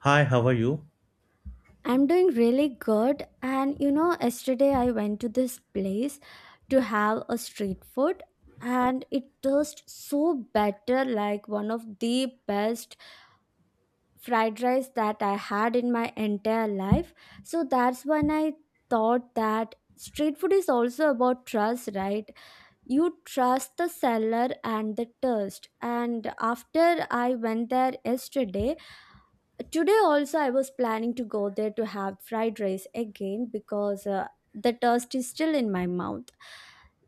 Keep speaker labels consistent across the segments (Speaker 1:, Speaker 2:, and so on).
Speaker 1: Hi, how are you?
Speaker 2: I'm doing really good. And you know, yesterday I went to this place to have a street food, and it tastes so better, like one of the best fried rice that I had in my entire life. So that's when I thought that street food is also about trust, right? You trust the seller and the taste. And after I went there yesterday, today also I was planning to go there to have fried rice again because the taste is still in my mouth.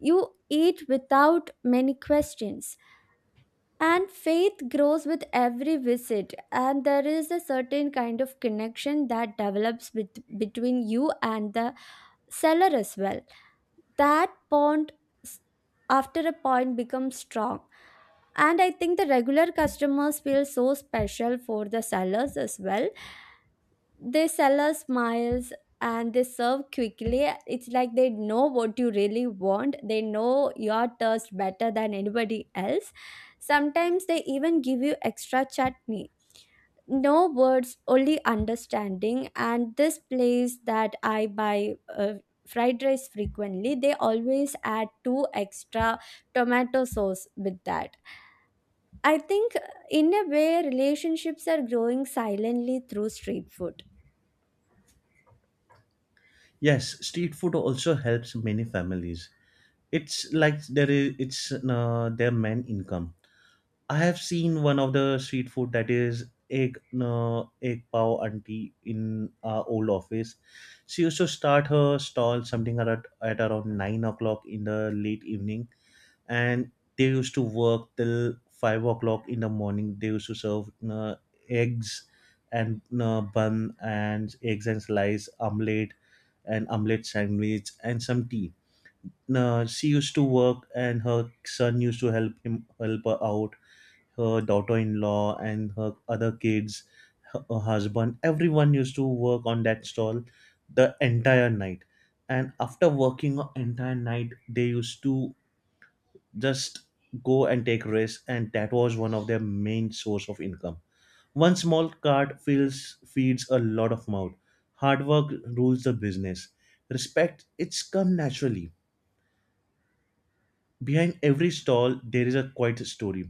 Speaker 2: You eat without many questions, and faith grows with every visit, and there is a certain kind of connection that develops between you and the seller as well. That bond, s- after a point, becomes strong, and I think the regular customers feel so special for the sellers as well. They sell us smiles and they serve quickly. It's like they know what you really want. They know your taste better than anybody else. Sometimes they even give you extra chutney. No words, only understanding. And this place that I buy fried rice frequently, they always add two extra tomato sauce with that. I think in a way, relationships are growing silently through street food.
Speaker 1: Yes, street food also helps many families. It's like there is it's their main income. I have seen one of the street food that is egg pav auntie in our old office. She used to start her stall something at around 9 o'clock in the late evening, and they used to work till 5 o'clock in the morning. They used to serve eggs and bun and eggs and slice omelette and omelette sandwich and some tea. She used to work and her son used to help her out. Her daughter-in-law and her other kids, her husband, everyone used to work on that stall the entire night. And after working entire night, they used to just go and take risks, and that was one of their main source of income. One small cart feels feeds a lot of mouth. Hard work rules the business. Respect it's come naturally. Behind every stall there is a quiet story.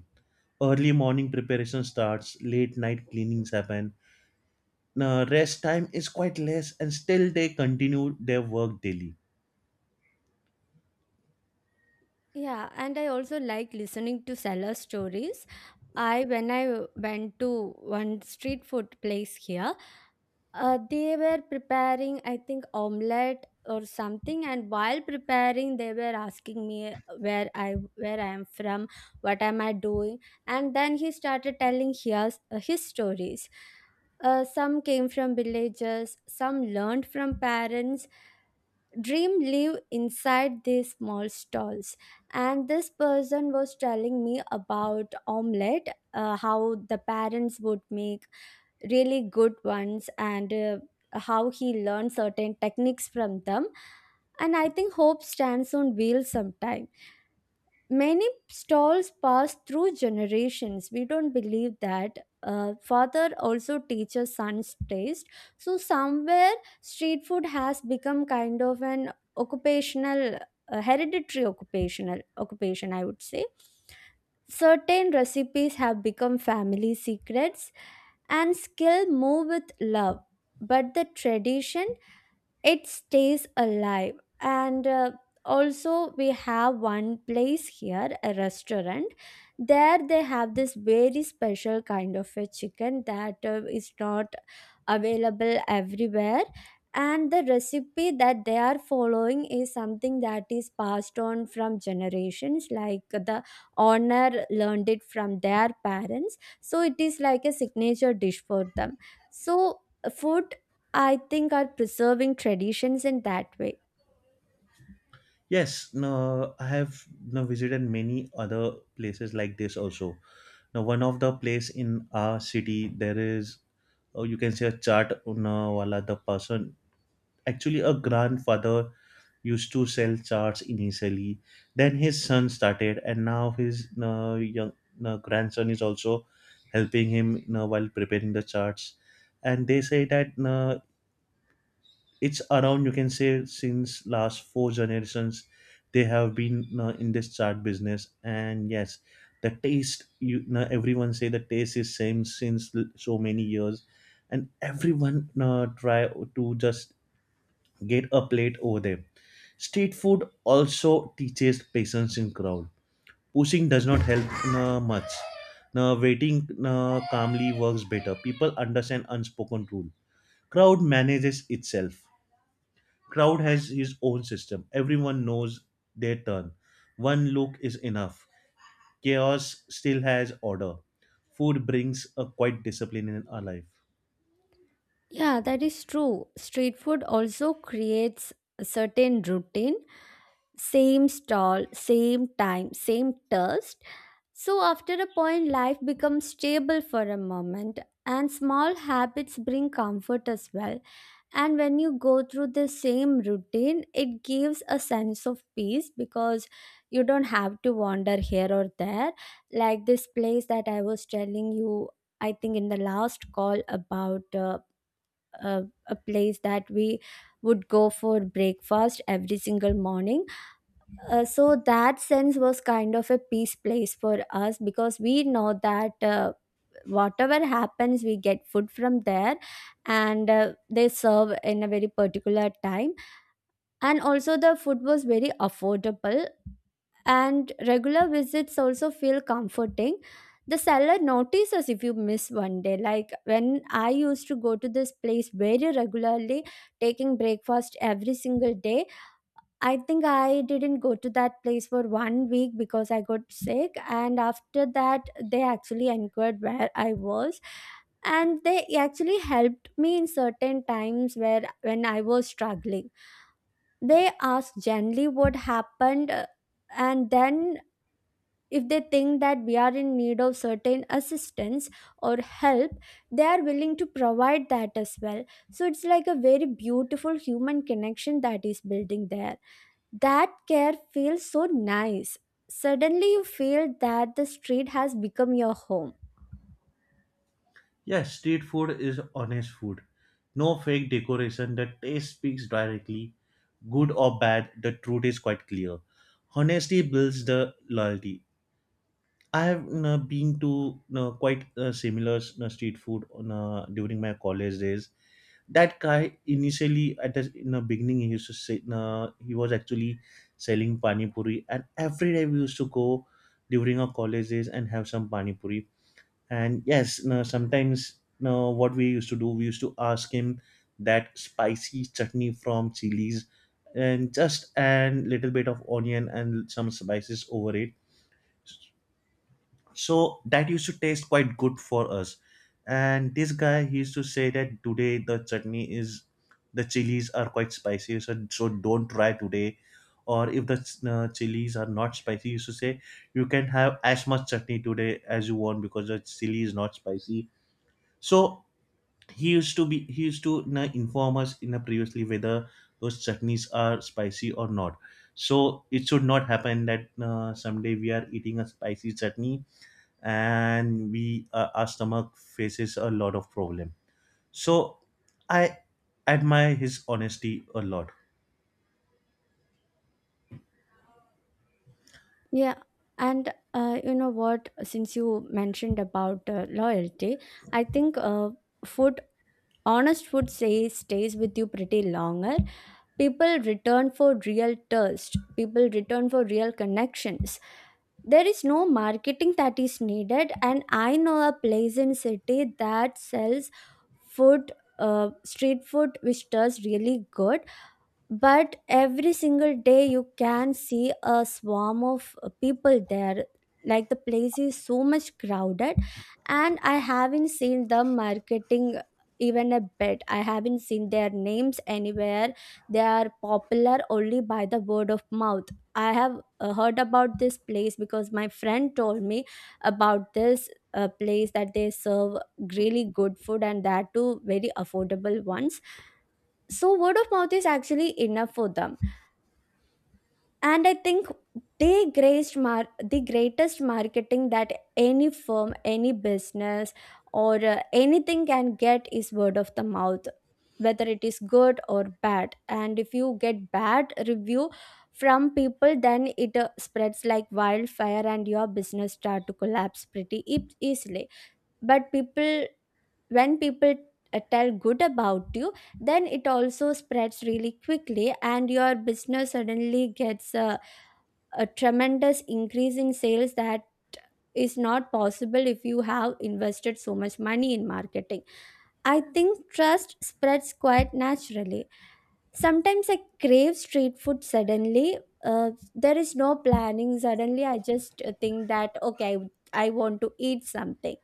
Speaker 1: Early morning preparation starts, late night cleanings happen. Now, rest time is quite less and still they continue their work daily.
Speaker 2: Yeah, and I also like listening to seller stories. I When I went to one street food place here, they were preparing, I think, omelette or something, and while preparing, they were asking me where I am from, what am I doing, and then he started telling his stories. Some came from villages, some learned from parents. Dream live inside these small stalls. And this person was telling me about omelette, how the parents would make really good ones, and how he learned certain techniques from them. And I think hope stands on wheels sometime. Many stalls pass through generations. We don't believe that, father also teaches son's taste. So somewhere street food has become kind of an occupational, hereditary occupation, I would say. Certain recipes have become family secrets, and skill move with love, but the tradition, it stays alive. And also, we have one place here, a restaurant. There they have this very special kind of a chicken that is not available everywhere, and the recipe that they are following is something that is passed on from generations, like the owner learned it from their parents, so it is like a signature dish for them. So food, I think, are preserving traditions in that way.
Speaker 1: Yes. No, I have, no, visited many other places like this also. Now, one of the place in our city, there is, or you can say, a chart owner wala, the person. Actually, a grandfather used to sell charts initially. Then his son started, and now his young grandson is also helping him while preparing the charts. And they say that it's around, you can say, since last four generations they have been you in this chart business. And yes, the taste, you know, everyone say the taste is same since l- so many years, and everyone you try to just get a plate over there. Street food also teaches patience in crowd. Pushing does not help you much. Now waiting you calmly works better, people understand unspoken rule. Crowd manages itself. Crowd has his own system. Everyone knows their turn. One look is enough. Chaos still has order. Food brings a quiet discipline in our life.
Speaker 2: Yeah, that is true. Street food also creates a certain routine: same stall, same time, same thirst. So after a point, life becomes stable for a moment, and small habits bring comfort as well. And when you go through the same routine, it gives a sense of peace because you don't have to wander here or there. Like this place that I was telling you, I think in the last call about a place that we would go for breakfast every single morning. So that sense was kind of a peace place for us because we know that. Whatever happens, we get food from there, and they serve in a very particular time, and also the food was very affordable, and regular visits also feel comforting. The seller notices if you miss 1 day. Like, when I used to go to this place very regularly, taking breakfast every single day, I think I didn't go to that place for 1 week because I got sick. And after that, they actually inquired where I was. And they actually helped me in certain times where when I was struggling. They asked generally what happened. And then, if they think that we are in need of certain assistance or help, they are willing to provide that as well. So it's like a very beautiful human connection that is building there. That care feels so nice. Suddenly, you feel that the street has become your home.
Speaker 1: Yes, street food is honest food. No fake decoration. The taste speaks directly. Good or bad, the truth is quite clear. Honesty builds the loyalty. I have you been to you quite similar you street food, you know, during my college days, that guy initially at the in the beginning he used to say, he was actually selling pani puri, and every day we used to go during our college days and have some pani puri. And yes, no, sometimes, no, what we used to do, we used to ask him that spicy chutney from chilies and just and little bit of onion and some spices over it, so that used to taste quite good for us. And this guy, he used to say that today the chutney is, the chilies are quite spicy, so don't try today. Or if the chilies are not spicy, he used to say you can have as much chutney today as you want because the chili is not spicy. So he used to be, he used to, you know, inform us in a previously whether those chutneys are spicy or not, so it should not happen that someday we are eating a spicy chutney and we our stomach faces a lot of problem. So I admire his honesty a lot.
Speaker 2: Yeah, and you know what? Since you mentioned about loyalty, I think food, honest food, say stays with you pretty longer. People return for real thirst. People return for real connections. There is no marketing that is needed, and I know a place in city that sells food, street food, which does really good, but every single day you can see a swarm of people there. Like, the place is so much crowded, and I haven't seen the marketing, even a bit. I haven't seen their names anywhere. They are popular only by the word of mouth. I have heard about this place because my friend told me about this, place, that they serve really good food, and that too very affordable ones. So word of mouth is actually enough for them. And I think they the greatest marketing that any firm, any business, or anything can get is word of the mouth, whether it is good or bad. And if you get bad review from people, then it spreads like wildfire and your business start to collapse pretty easily. But people, when people, tell good about you, then it also spreads really quickly and your business suddenly gets a tremendous increase in sales that is not possible if you have invested so much money in marketing. I think trust spreads quite naturally. Sometimes I crave street food suddenly. Uh, there is no planning. Suddenly I just think that, okay, I want to eat something,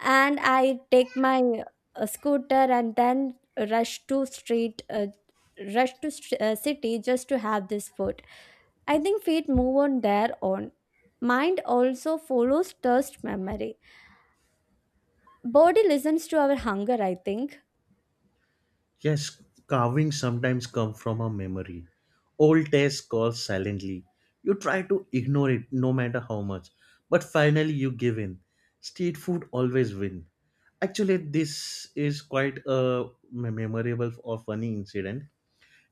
Speaker 2: and I take my scooter and then rush to street uh, rush to city just to have this food. I think feet move on their own. Mind also follows thirst memory. Body listens to our hunger, I think.
Speaker 1: Yes, carvings sometimes come from a memory. Old taste calls silently. You try to ignore it no matter how much, but finally you give in. Street food always win. Actually, this is quite a memorable or funny incident.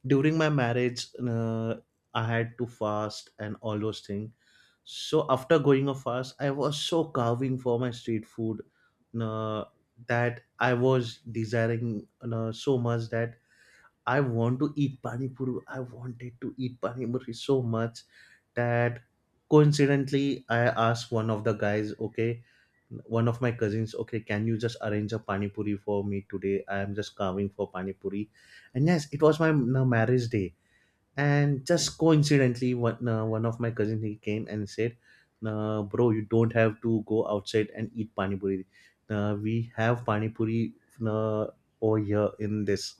Speaker 1: During my marriage, I had to fast and all those things. So after going a fast, I was so carving for my street food, uh, that I was desiring so much that I want to eat pani puri. I wanted to eat pani puri so much that coincidentally I asked one of the guys, okay, one of my cousins, okay, can you just arrange a pani puri for me today? I am just carving for pani puri. And yes, it was my marriage day, and just coincidentally one of my cousins, he came and said, bro, you don't have to go outside and eat pani puri, we have pani puri uh, over here in this.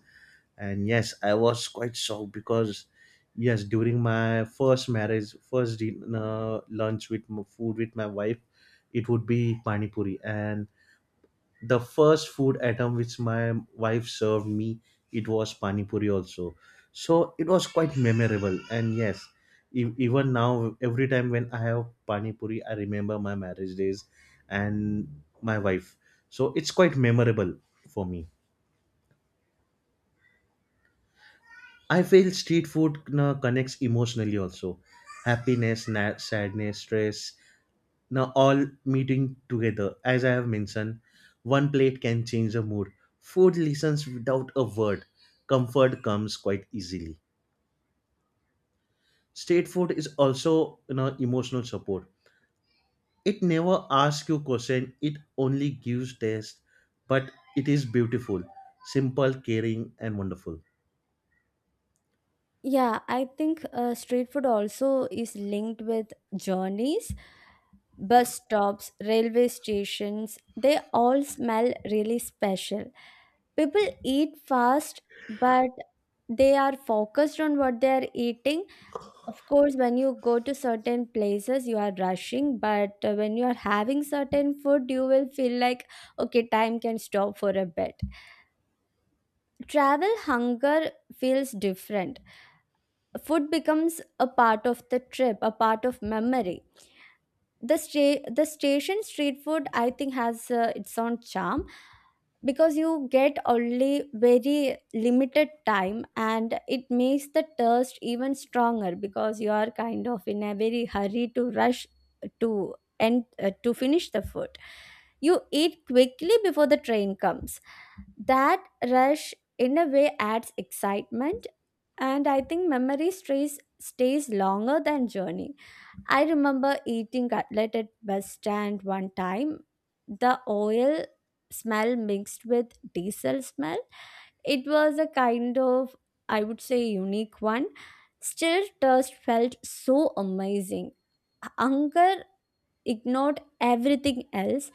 Speaker 1: And yes, I was quite shocked because yes, during my first marriage, first lunch with food with my wife, it would be pani puri, and the first food item which my wife served me, it was pani puri also. So it was quite memorable. And yes, even now every time when I have pani puri, I remember my marriage days and my wife. So it's quite memorable for me. I feel street food you connects emotionally also. Happiness, sadness, stress, now all meeting together. As I have mentioned, one plate can change a mood. Food listens without a word. Comfort comes quite easily. State food is also, you know, emotional support. It never asks you question, it only gives taste. But it is beautiful, simple, caring and wonderful.
Speaker 2: Yeah, I think street food also is linked with journeys. Bus stops, railway stations, they all smell really special. People eat fast, but they are focused on what they are eating. Of course, when you go to certain places, you are rushing, but when you are having certain food, you will feel like, okay, time can stop for a bit. Travel hunger feels different. Food becomes a part of the trip, a part of memory. The station street food, I think, has its own charm because you get only very limited time and it makes the thirst even stronger, because you are kind of in a very hurry to rush to and to finish the food. You eat quickly before the train comes. That rush, in a way, adds excitement. And I think memory stays longer than journey. I remember eating cutlet at bus stand one time. The oil smell mixed with diesel smell. It was a kind of, I would say, unique one. Still, taste felt so amazing. Hunger ignored everything else,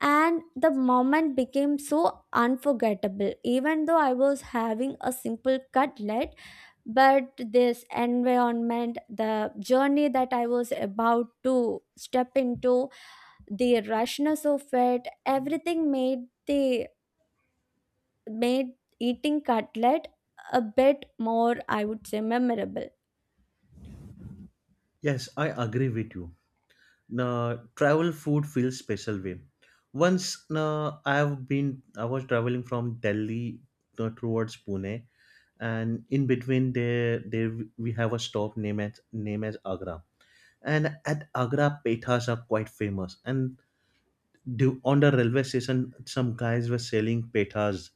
Speaker 2: and the moment became so unforgettable, even though I was having a simple cutlet. But this environment, the journey that I was about to step into, the rushness of it, everything made the made eating cutlet a bit more, I would say, memorable.
Speaker 1: Yes, I agree with you. Now travel food feels special way. Once now I have been, I was traveling from Delhi towards Pune, and in between there we have a stop named as name as Agra. And at Agra, pethas are quite famous, and do, on the railway station some guys were selling pethas,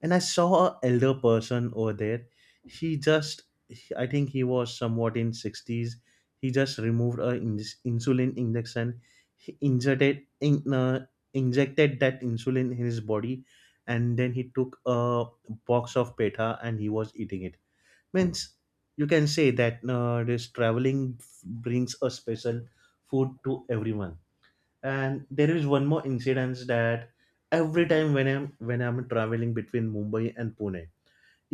Speaker 1: and I saw a elder person over there. He just, I think he was somewhat in 60s. He just removed a insulin injection, he injected in, injected that insulin in his body, and then he took a box of petha and he was eating it. Means you can say that this traveling brings a special food to everyone. And there is one more incidence that every time when I'm traveling between Mumbai and Pune,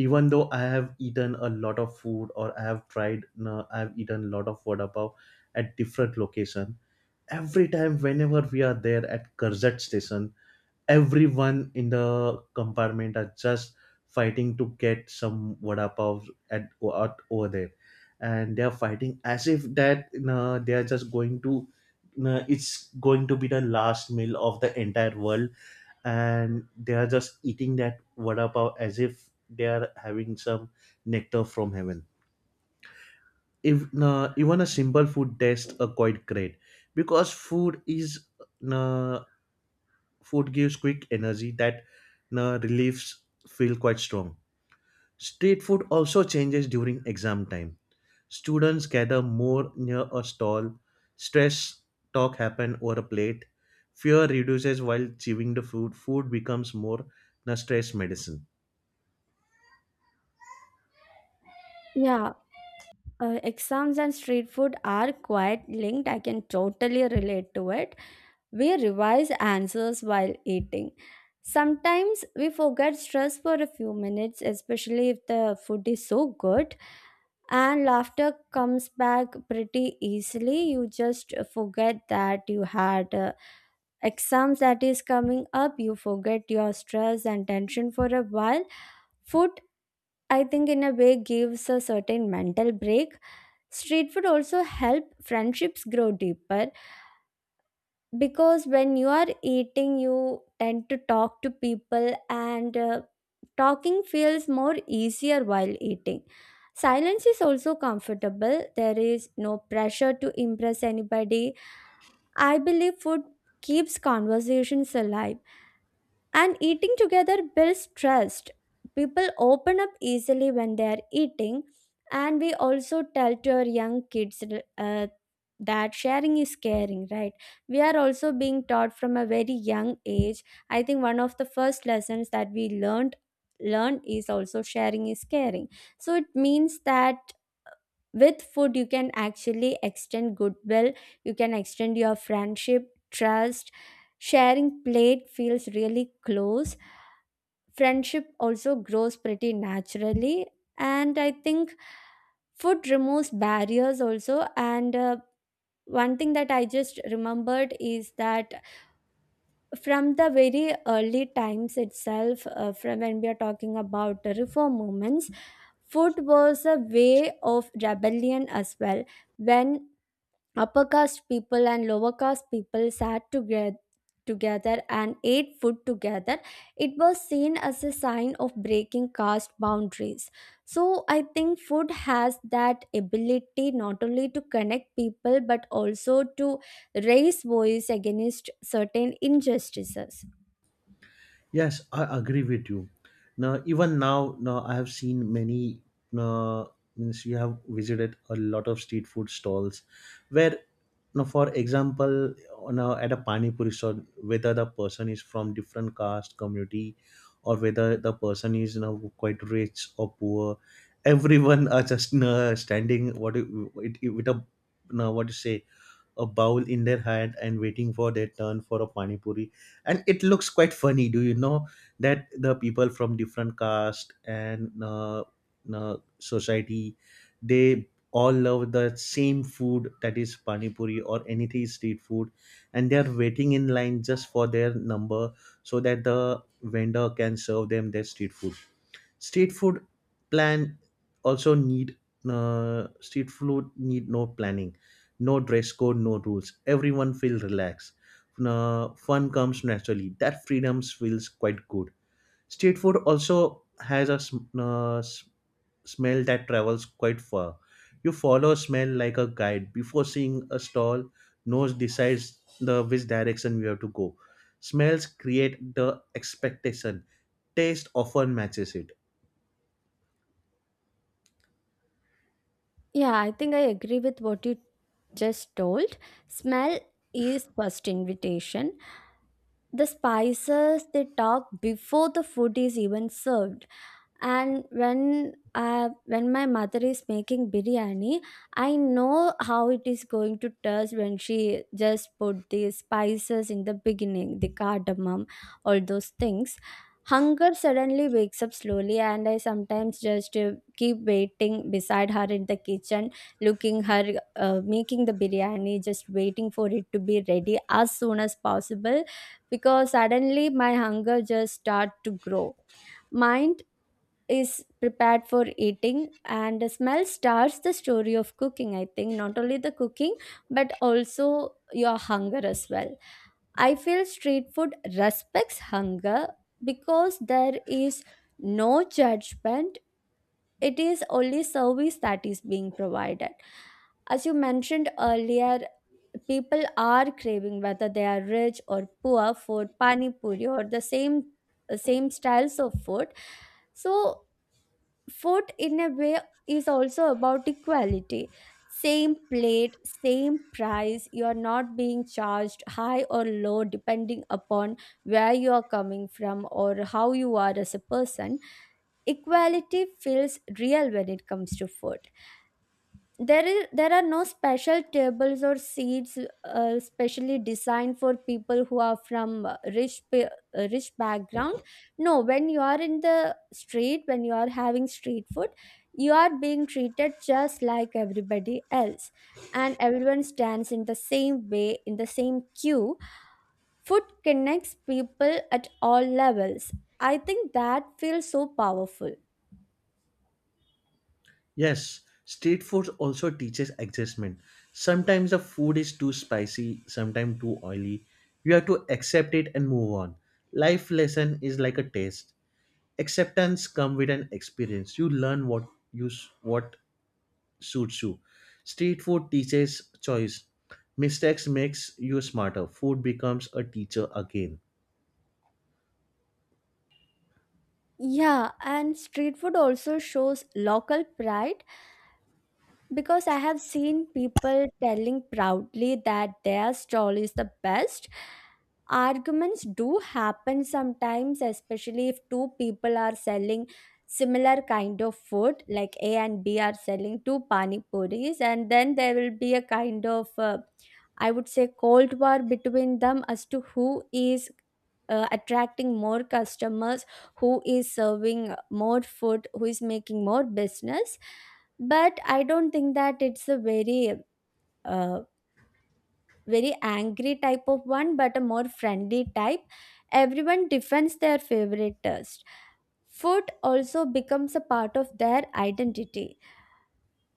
Speaker 1: even though I have eaten a lot of food, or I have tried, I have eaten a lot of vada pav at different location, every time whenever we are there at Karzat station, everyone in the compartment are just fighting to get some vada pav at, out over there. And they are fighting as if that they are just going to, it's going to be the last meal of the entire world, and they are just eating that vada pav as if they are having some nectar from heaven. If even a simple food test are quite great, because uh, food gives quick energy that reliefs feel quite strong. Street food also changes during exam time. Students gather more near a stall. Stress talk happen over a plate. Fear reduces while chewing the food. Food becomes more na stress medicine.
Speaker 2: Yeah, exams and street food are quite linked. I can totally relate to it. We revise answers while eating. Sometimes we forget stress for a few minutes, especially if the food is so good, and laughter comes back pretty easily. You just forget that you had exams that is coming up. You forget your stress and tension for a while. Food, I think, in a way, gives a certain mental break. Street food also help friendships grow deeper, because when you are eating, you tend to talk to people, and talking feels more easier while eating. Silence is also comfortable. There is no pressure to impress anybody. I believe food keeps conversations alive, and eating together builds trust. People open up easily when they are eating. And we also tell to our young kids, uh, that sharing is caring, right? We are also being taught from a very young age. I think one of the first lessons that we learned is also sharing is caring. So it means that with food you can actually extend goodwill, you can extend your friendship, trust. Sharing plate feels really close, friendship also grows pretty naturally, and I think food removes barriers also. And one thing that I just remembered is that from the very early times itself, from when we are talking about the reform movements, food was a way of rebellion as well. When upper caste people and lower caste people sat together and ate food together, it was seen as a sign of breaking caste boundaries. So I think food has that ability not only to connect people but also to raise voice against certain injustices.
Speaker 1: Yes, I agree with you. Now, even now, now I have seen many. Uh, means you have visited a lot of street food stalls, where, now, for example, now at a pani puri stall, whether the person is from different caste, community, or whether the person is, you know, quite rich or poor, everyone are just, you know, standing what you- with a, you know, what to say, a bowl in their hand and waiting for their turn for a pani puri. And it looks quite funny, do you know, that the people from different caste and society, they all love the same food, that is pani puri or anything street food, and they are waiting in line just for their number so that the vendor can serve them their street food. Street food plan also need street food need no planning, no dress code, no rules, everyone feel relaxed. Fun comes naturally, that freedoms feels quite good. Street food also has a smell that travels quite far. You follow smell like a guide before seeing a stall. Nose decides the which direction we have to go. Smells create the expectation, taste often matches it.
Speaker 2: Yeah, I think I agree with what you just told. Smell is first invitation. The spices, they talk before the food is even served. And when my mother is making biryani, I know how it is going to taste when she just put the spices in the beginning, the cardamom, all those things. Hunger suddenly wakes up slowly, and I sometimes just keep waiting beside her in the kitchen, looking her making the biryani, just waiting for it to be ready as soon as possible, because suddenly my hunger just start to grow. Mine is prepared for eating, and the smell starts the story of cooking. I think not only the cooking but also your hunger as well. I feel street food respects hunger because there is no judgment. It is only service that is being provided. As you mentioned earlier, people are craving, whether they are rich or poor, for pani puri or the same styles of food. So food, in a way, is also about equality. Same plate, same price. You are not being charged high or low depending upon where you are coming from or how you are as a person. Equality feels real when it comes to food. There are no special tables or seats specially designed for people who are from rich background. No, when you are in the street, when you are having street food, you are being treated just like everybody else, and everyone stands in the same way in the same queue. Food connects people at all levels. I think that feels so powerful.
Speaker 1: Yes, street food also teaches adjustment. Sometimes the food is too spicy, sometimes too oily. You have to accept it and move on. Life lesson is like a taste. Acceptance come with an experience. You learn what what suits you. Street food teaches choice. Mistakes makes you smarter. Food becomes a teacher again.
Speaker 2: Yeah, and street food also shows local pride because I have seen people telling proudly that their stall is the best. Arguments do happen sometimes, especially if two people are selling similar kind of food, like A and B are selling two pani puris, and then there will be a kind of, I would say, cold war between them as to who is attracting more customers, who is serving more food, who is making more business. But I don't think that it's a uh, very angry type of one, but a more friendly type. Everyone defends their favorite taste. Food also becomes a part of their identity.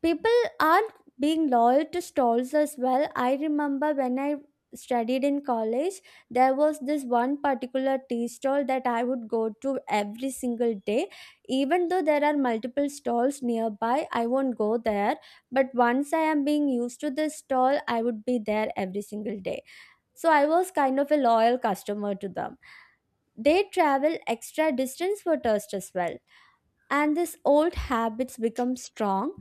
Speaker 2: People are being loyal to stalls as well. I remember when I studied in college, there was this one particular tea stall that I would go to every single day. Even though there are multiple stalls nearby, I won't go there. But once I am being used to this stall, I would be there every single day. So I was kind of a loyal customer to them. They travel extra distance for thirst as well, and these old habits become strong.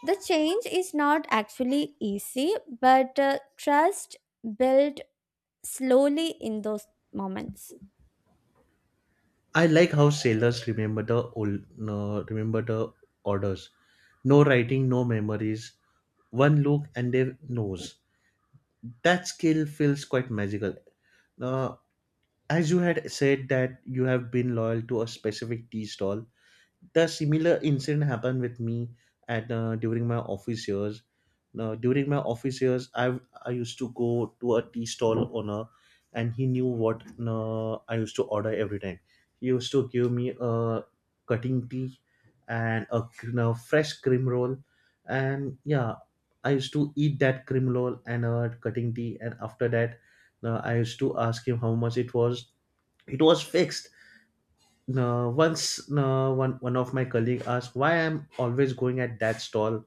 Speaker 2: The change is not actually easy, but trust built slowly in those moments.
Speaker 1: I like how sailors remember the old, no, remember the orders. No writing, no memories. One look and they knows. That skill feels quite magical. Uh, as you had said that you have been loyal to a specific tea stall, the similar incident happened with me at during my office years. Now, during my office years, I used to go to a tea stall owner, and he knew what I used to order every time. He used to give me a cutting tea and a, you know, fresh cream roll, and yeah, I used to eat that cream roll and a cutting tea, and after that, I used to ask him how much it was. It was fixed. Once, one of my colleague asked why I'm always going at that stall,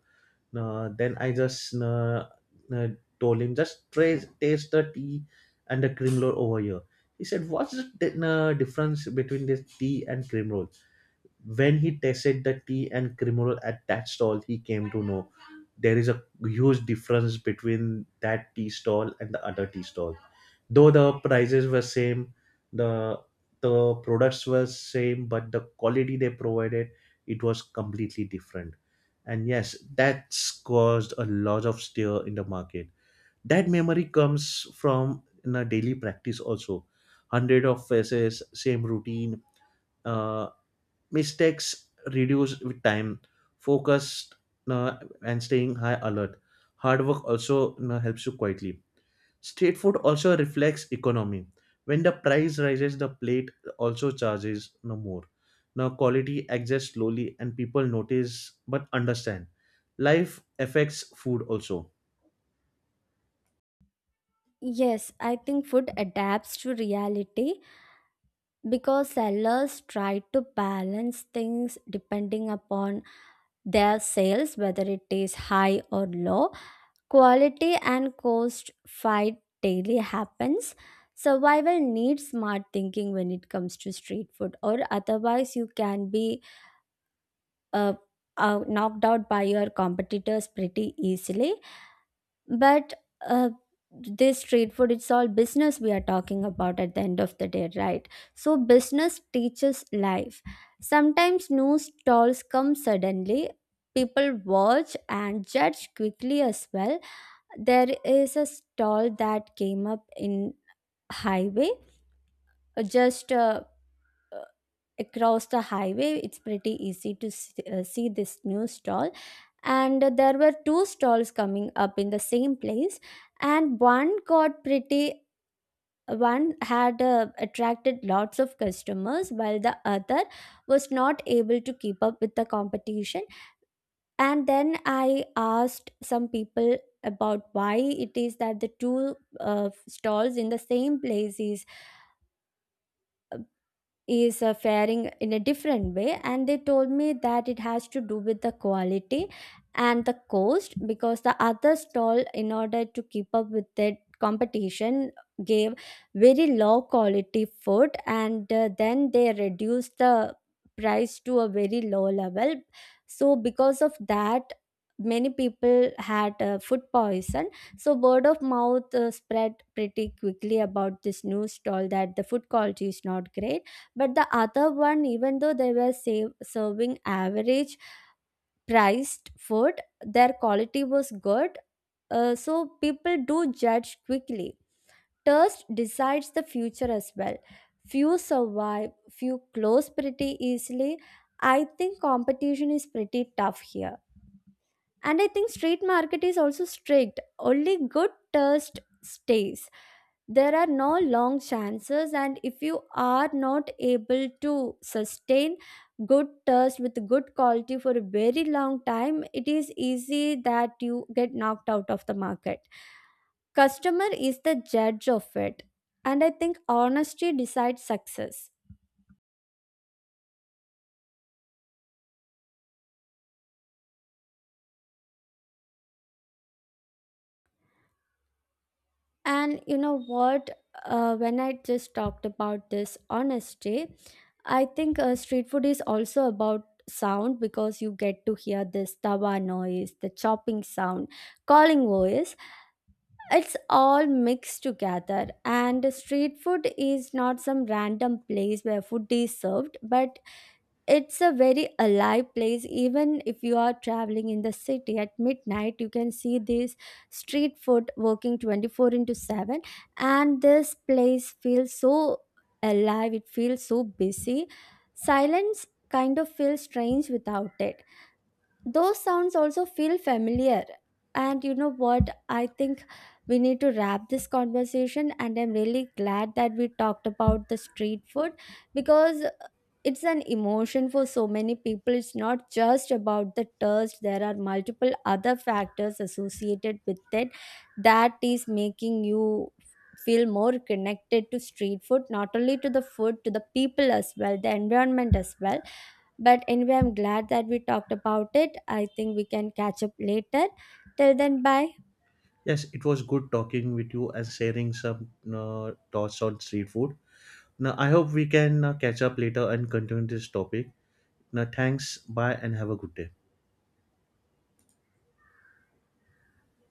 Speaker 1: then I just, uh, told him, just taste the tea and the cream roll over here. He said, what's the difference between this tea and cream roll? When he tasted the tea and cream roll at that stall, he came to know there is a huge difference between that tea stall and the other tea stall, though the prices were same, the the products were same, but the quality they provided, it was completely different. And yes, that's caused a lot of stir in the market. That memory comes from in a daily practice also. Hundred of faces, same routine. uh, mistakes reduced with time, focused, uh, and staying high alert, hard work also, you know, helps you quietly. Street food also reflects economy. When the price rises, the plate also charges no more. Now quality adjusts slowly and people notice but understand. Life affects food also.
Speaker 2: Yes, I think food adapts to reality because sellers try to balance things depending upon their sales, whether it is high or low. Quality and cost fight daily happens. Survival needs smart thinking when it comes to street food, or otherwise, you can be uh, knocked out by your competitors pretty easily. But uh, this street food, it's all business we are talking about at the end of the day, right? So, business teaches life. Sometimes new stalls come suddenly. People watch and judge quickly as well. There is a stall that came up in highway, just uh, across the highway. It's pretty easy to see this new stall, and there were two stalls coming up in the same place, and one got pretty one had attracted lots of customers while the other was not able to keep up with the competition. And then I asked some people about why it is that the two stalls in the same place is faring in a different way, and they told me that it has to do with the quality and the cost, because the other stall, in order to keep up with the competition, gave very low quality food, and then they reduced the price to a very low level. So because of that, many people had food poison. So word of mouth spread pretty quickly about this new stall that the food quality is not great. But the other one, even though they were serving average priced food, their quality was good. So people do judge quickly. Taste decides the future as well. Few survive, few close pretty easily. I think competition is pretty tough here, and I think street market is also strict. Only good taste stays. There are no long chances, and if you are not able to sustain good taste with good quality for a very long time, it is easy that you get knocked out of the market. Customer is the judge of it, and I think honesty decides success. And you know what? When I just talked about this honesty, I think street food is also about sound, because you get to hear this tawa noise, the chopping sound, calling voice. It's all mixed together. And street food is not some random place where food is served, but it's a very alive place. Even if you are traveling in the city at midnight, you can see this street food working 24 into 7. And this place feels so alive, it feels so busy. Silence kind of feels strange without it. Those sounds also feel familiar. And you know what, I think we need to wrap this conversation, and I'm really glad that we talked about the street food, because it's an emotion for so many people. It's not just about the thirst. There are multiple other factors associated with it that is making you feel more connected to street food, not only to the food, to the people as well, the environment as well. But anyway, I'm glad that we talked about it. I think we can catch up later. Till then, bye.
Speaker 1: Yes, it was good talking with you and sharing some thoughts on street food. Now I hope we can catch up later and continue this topic. Now thanks, bye and have a good day.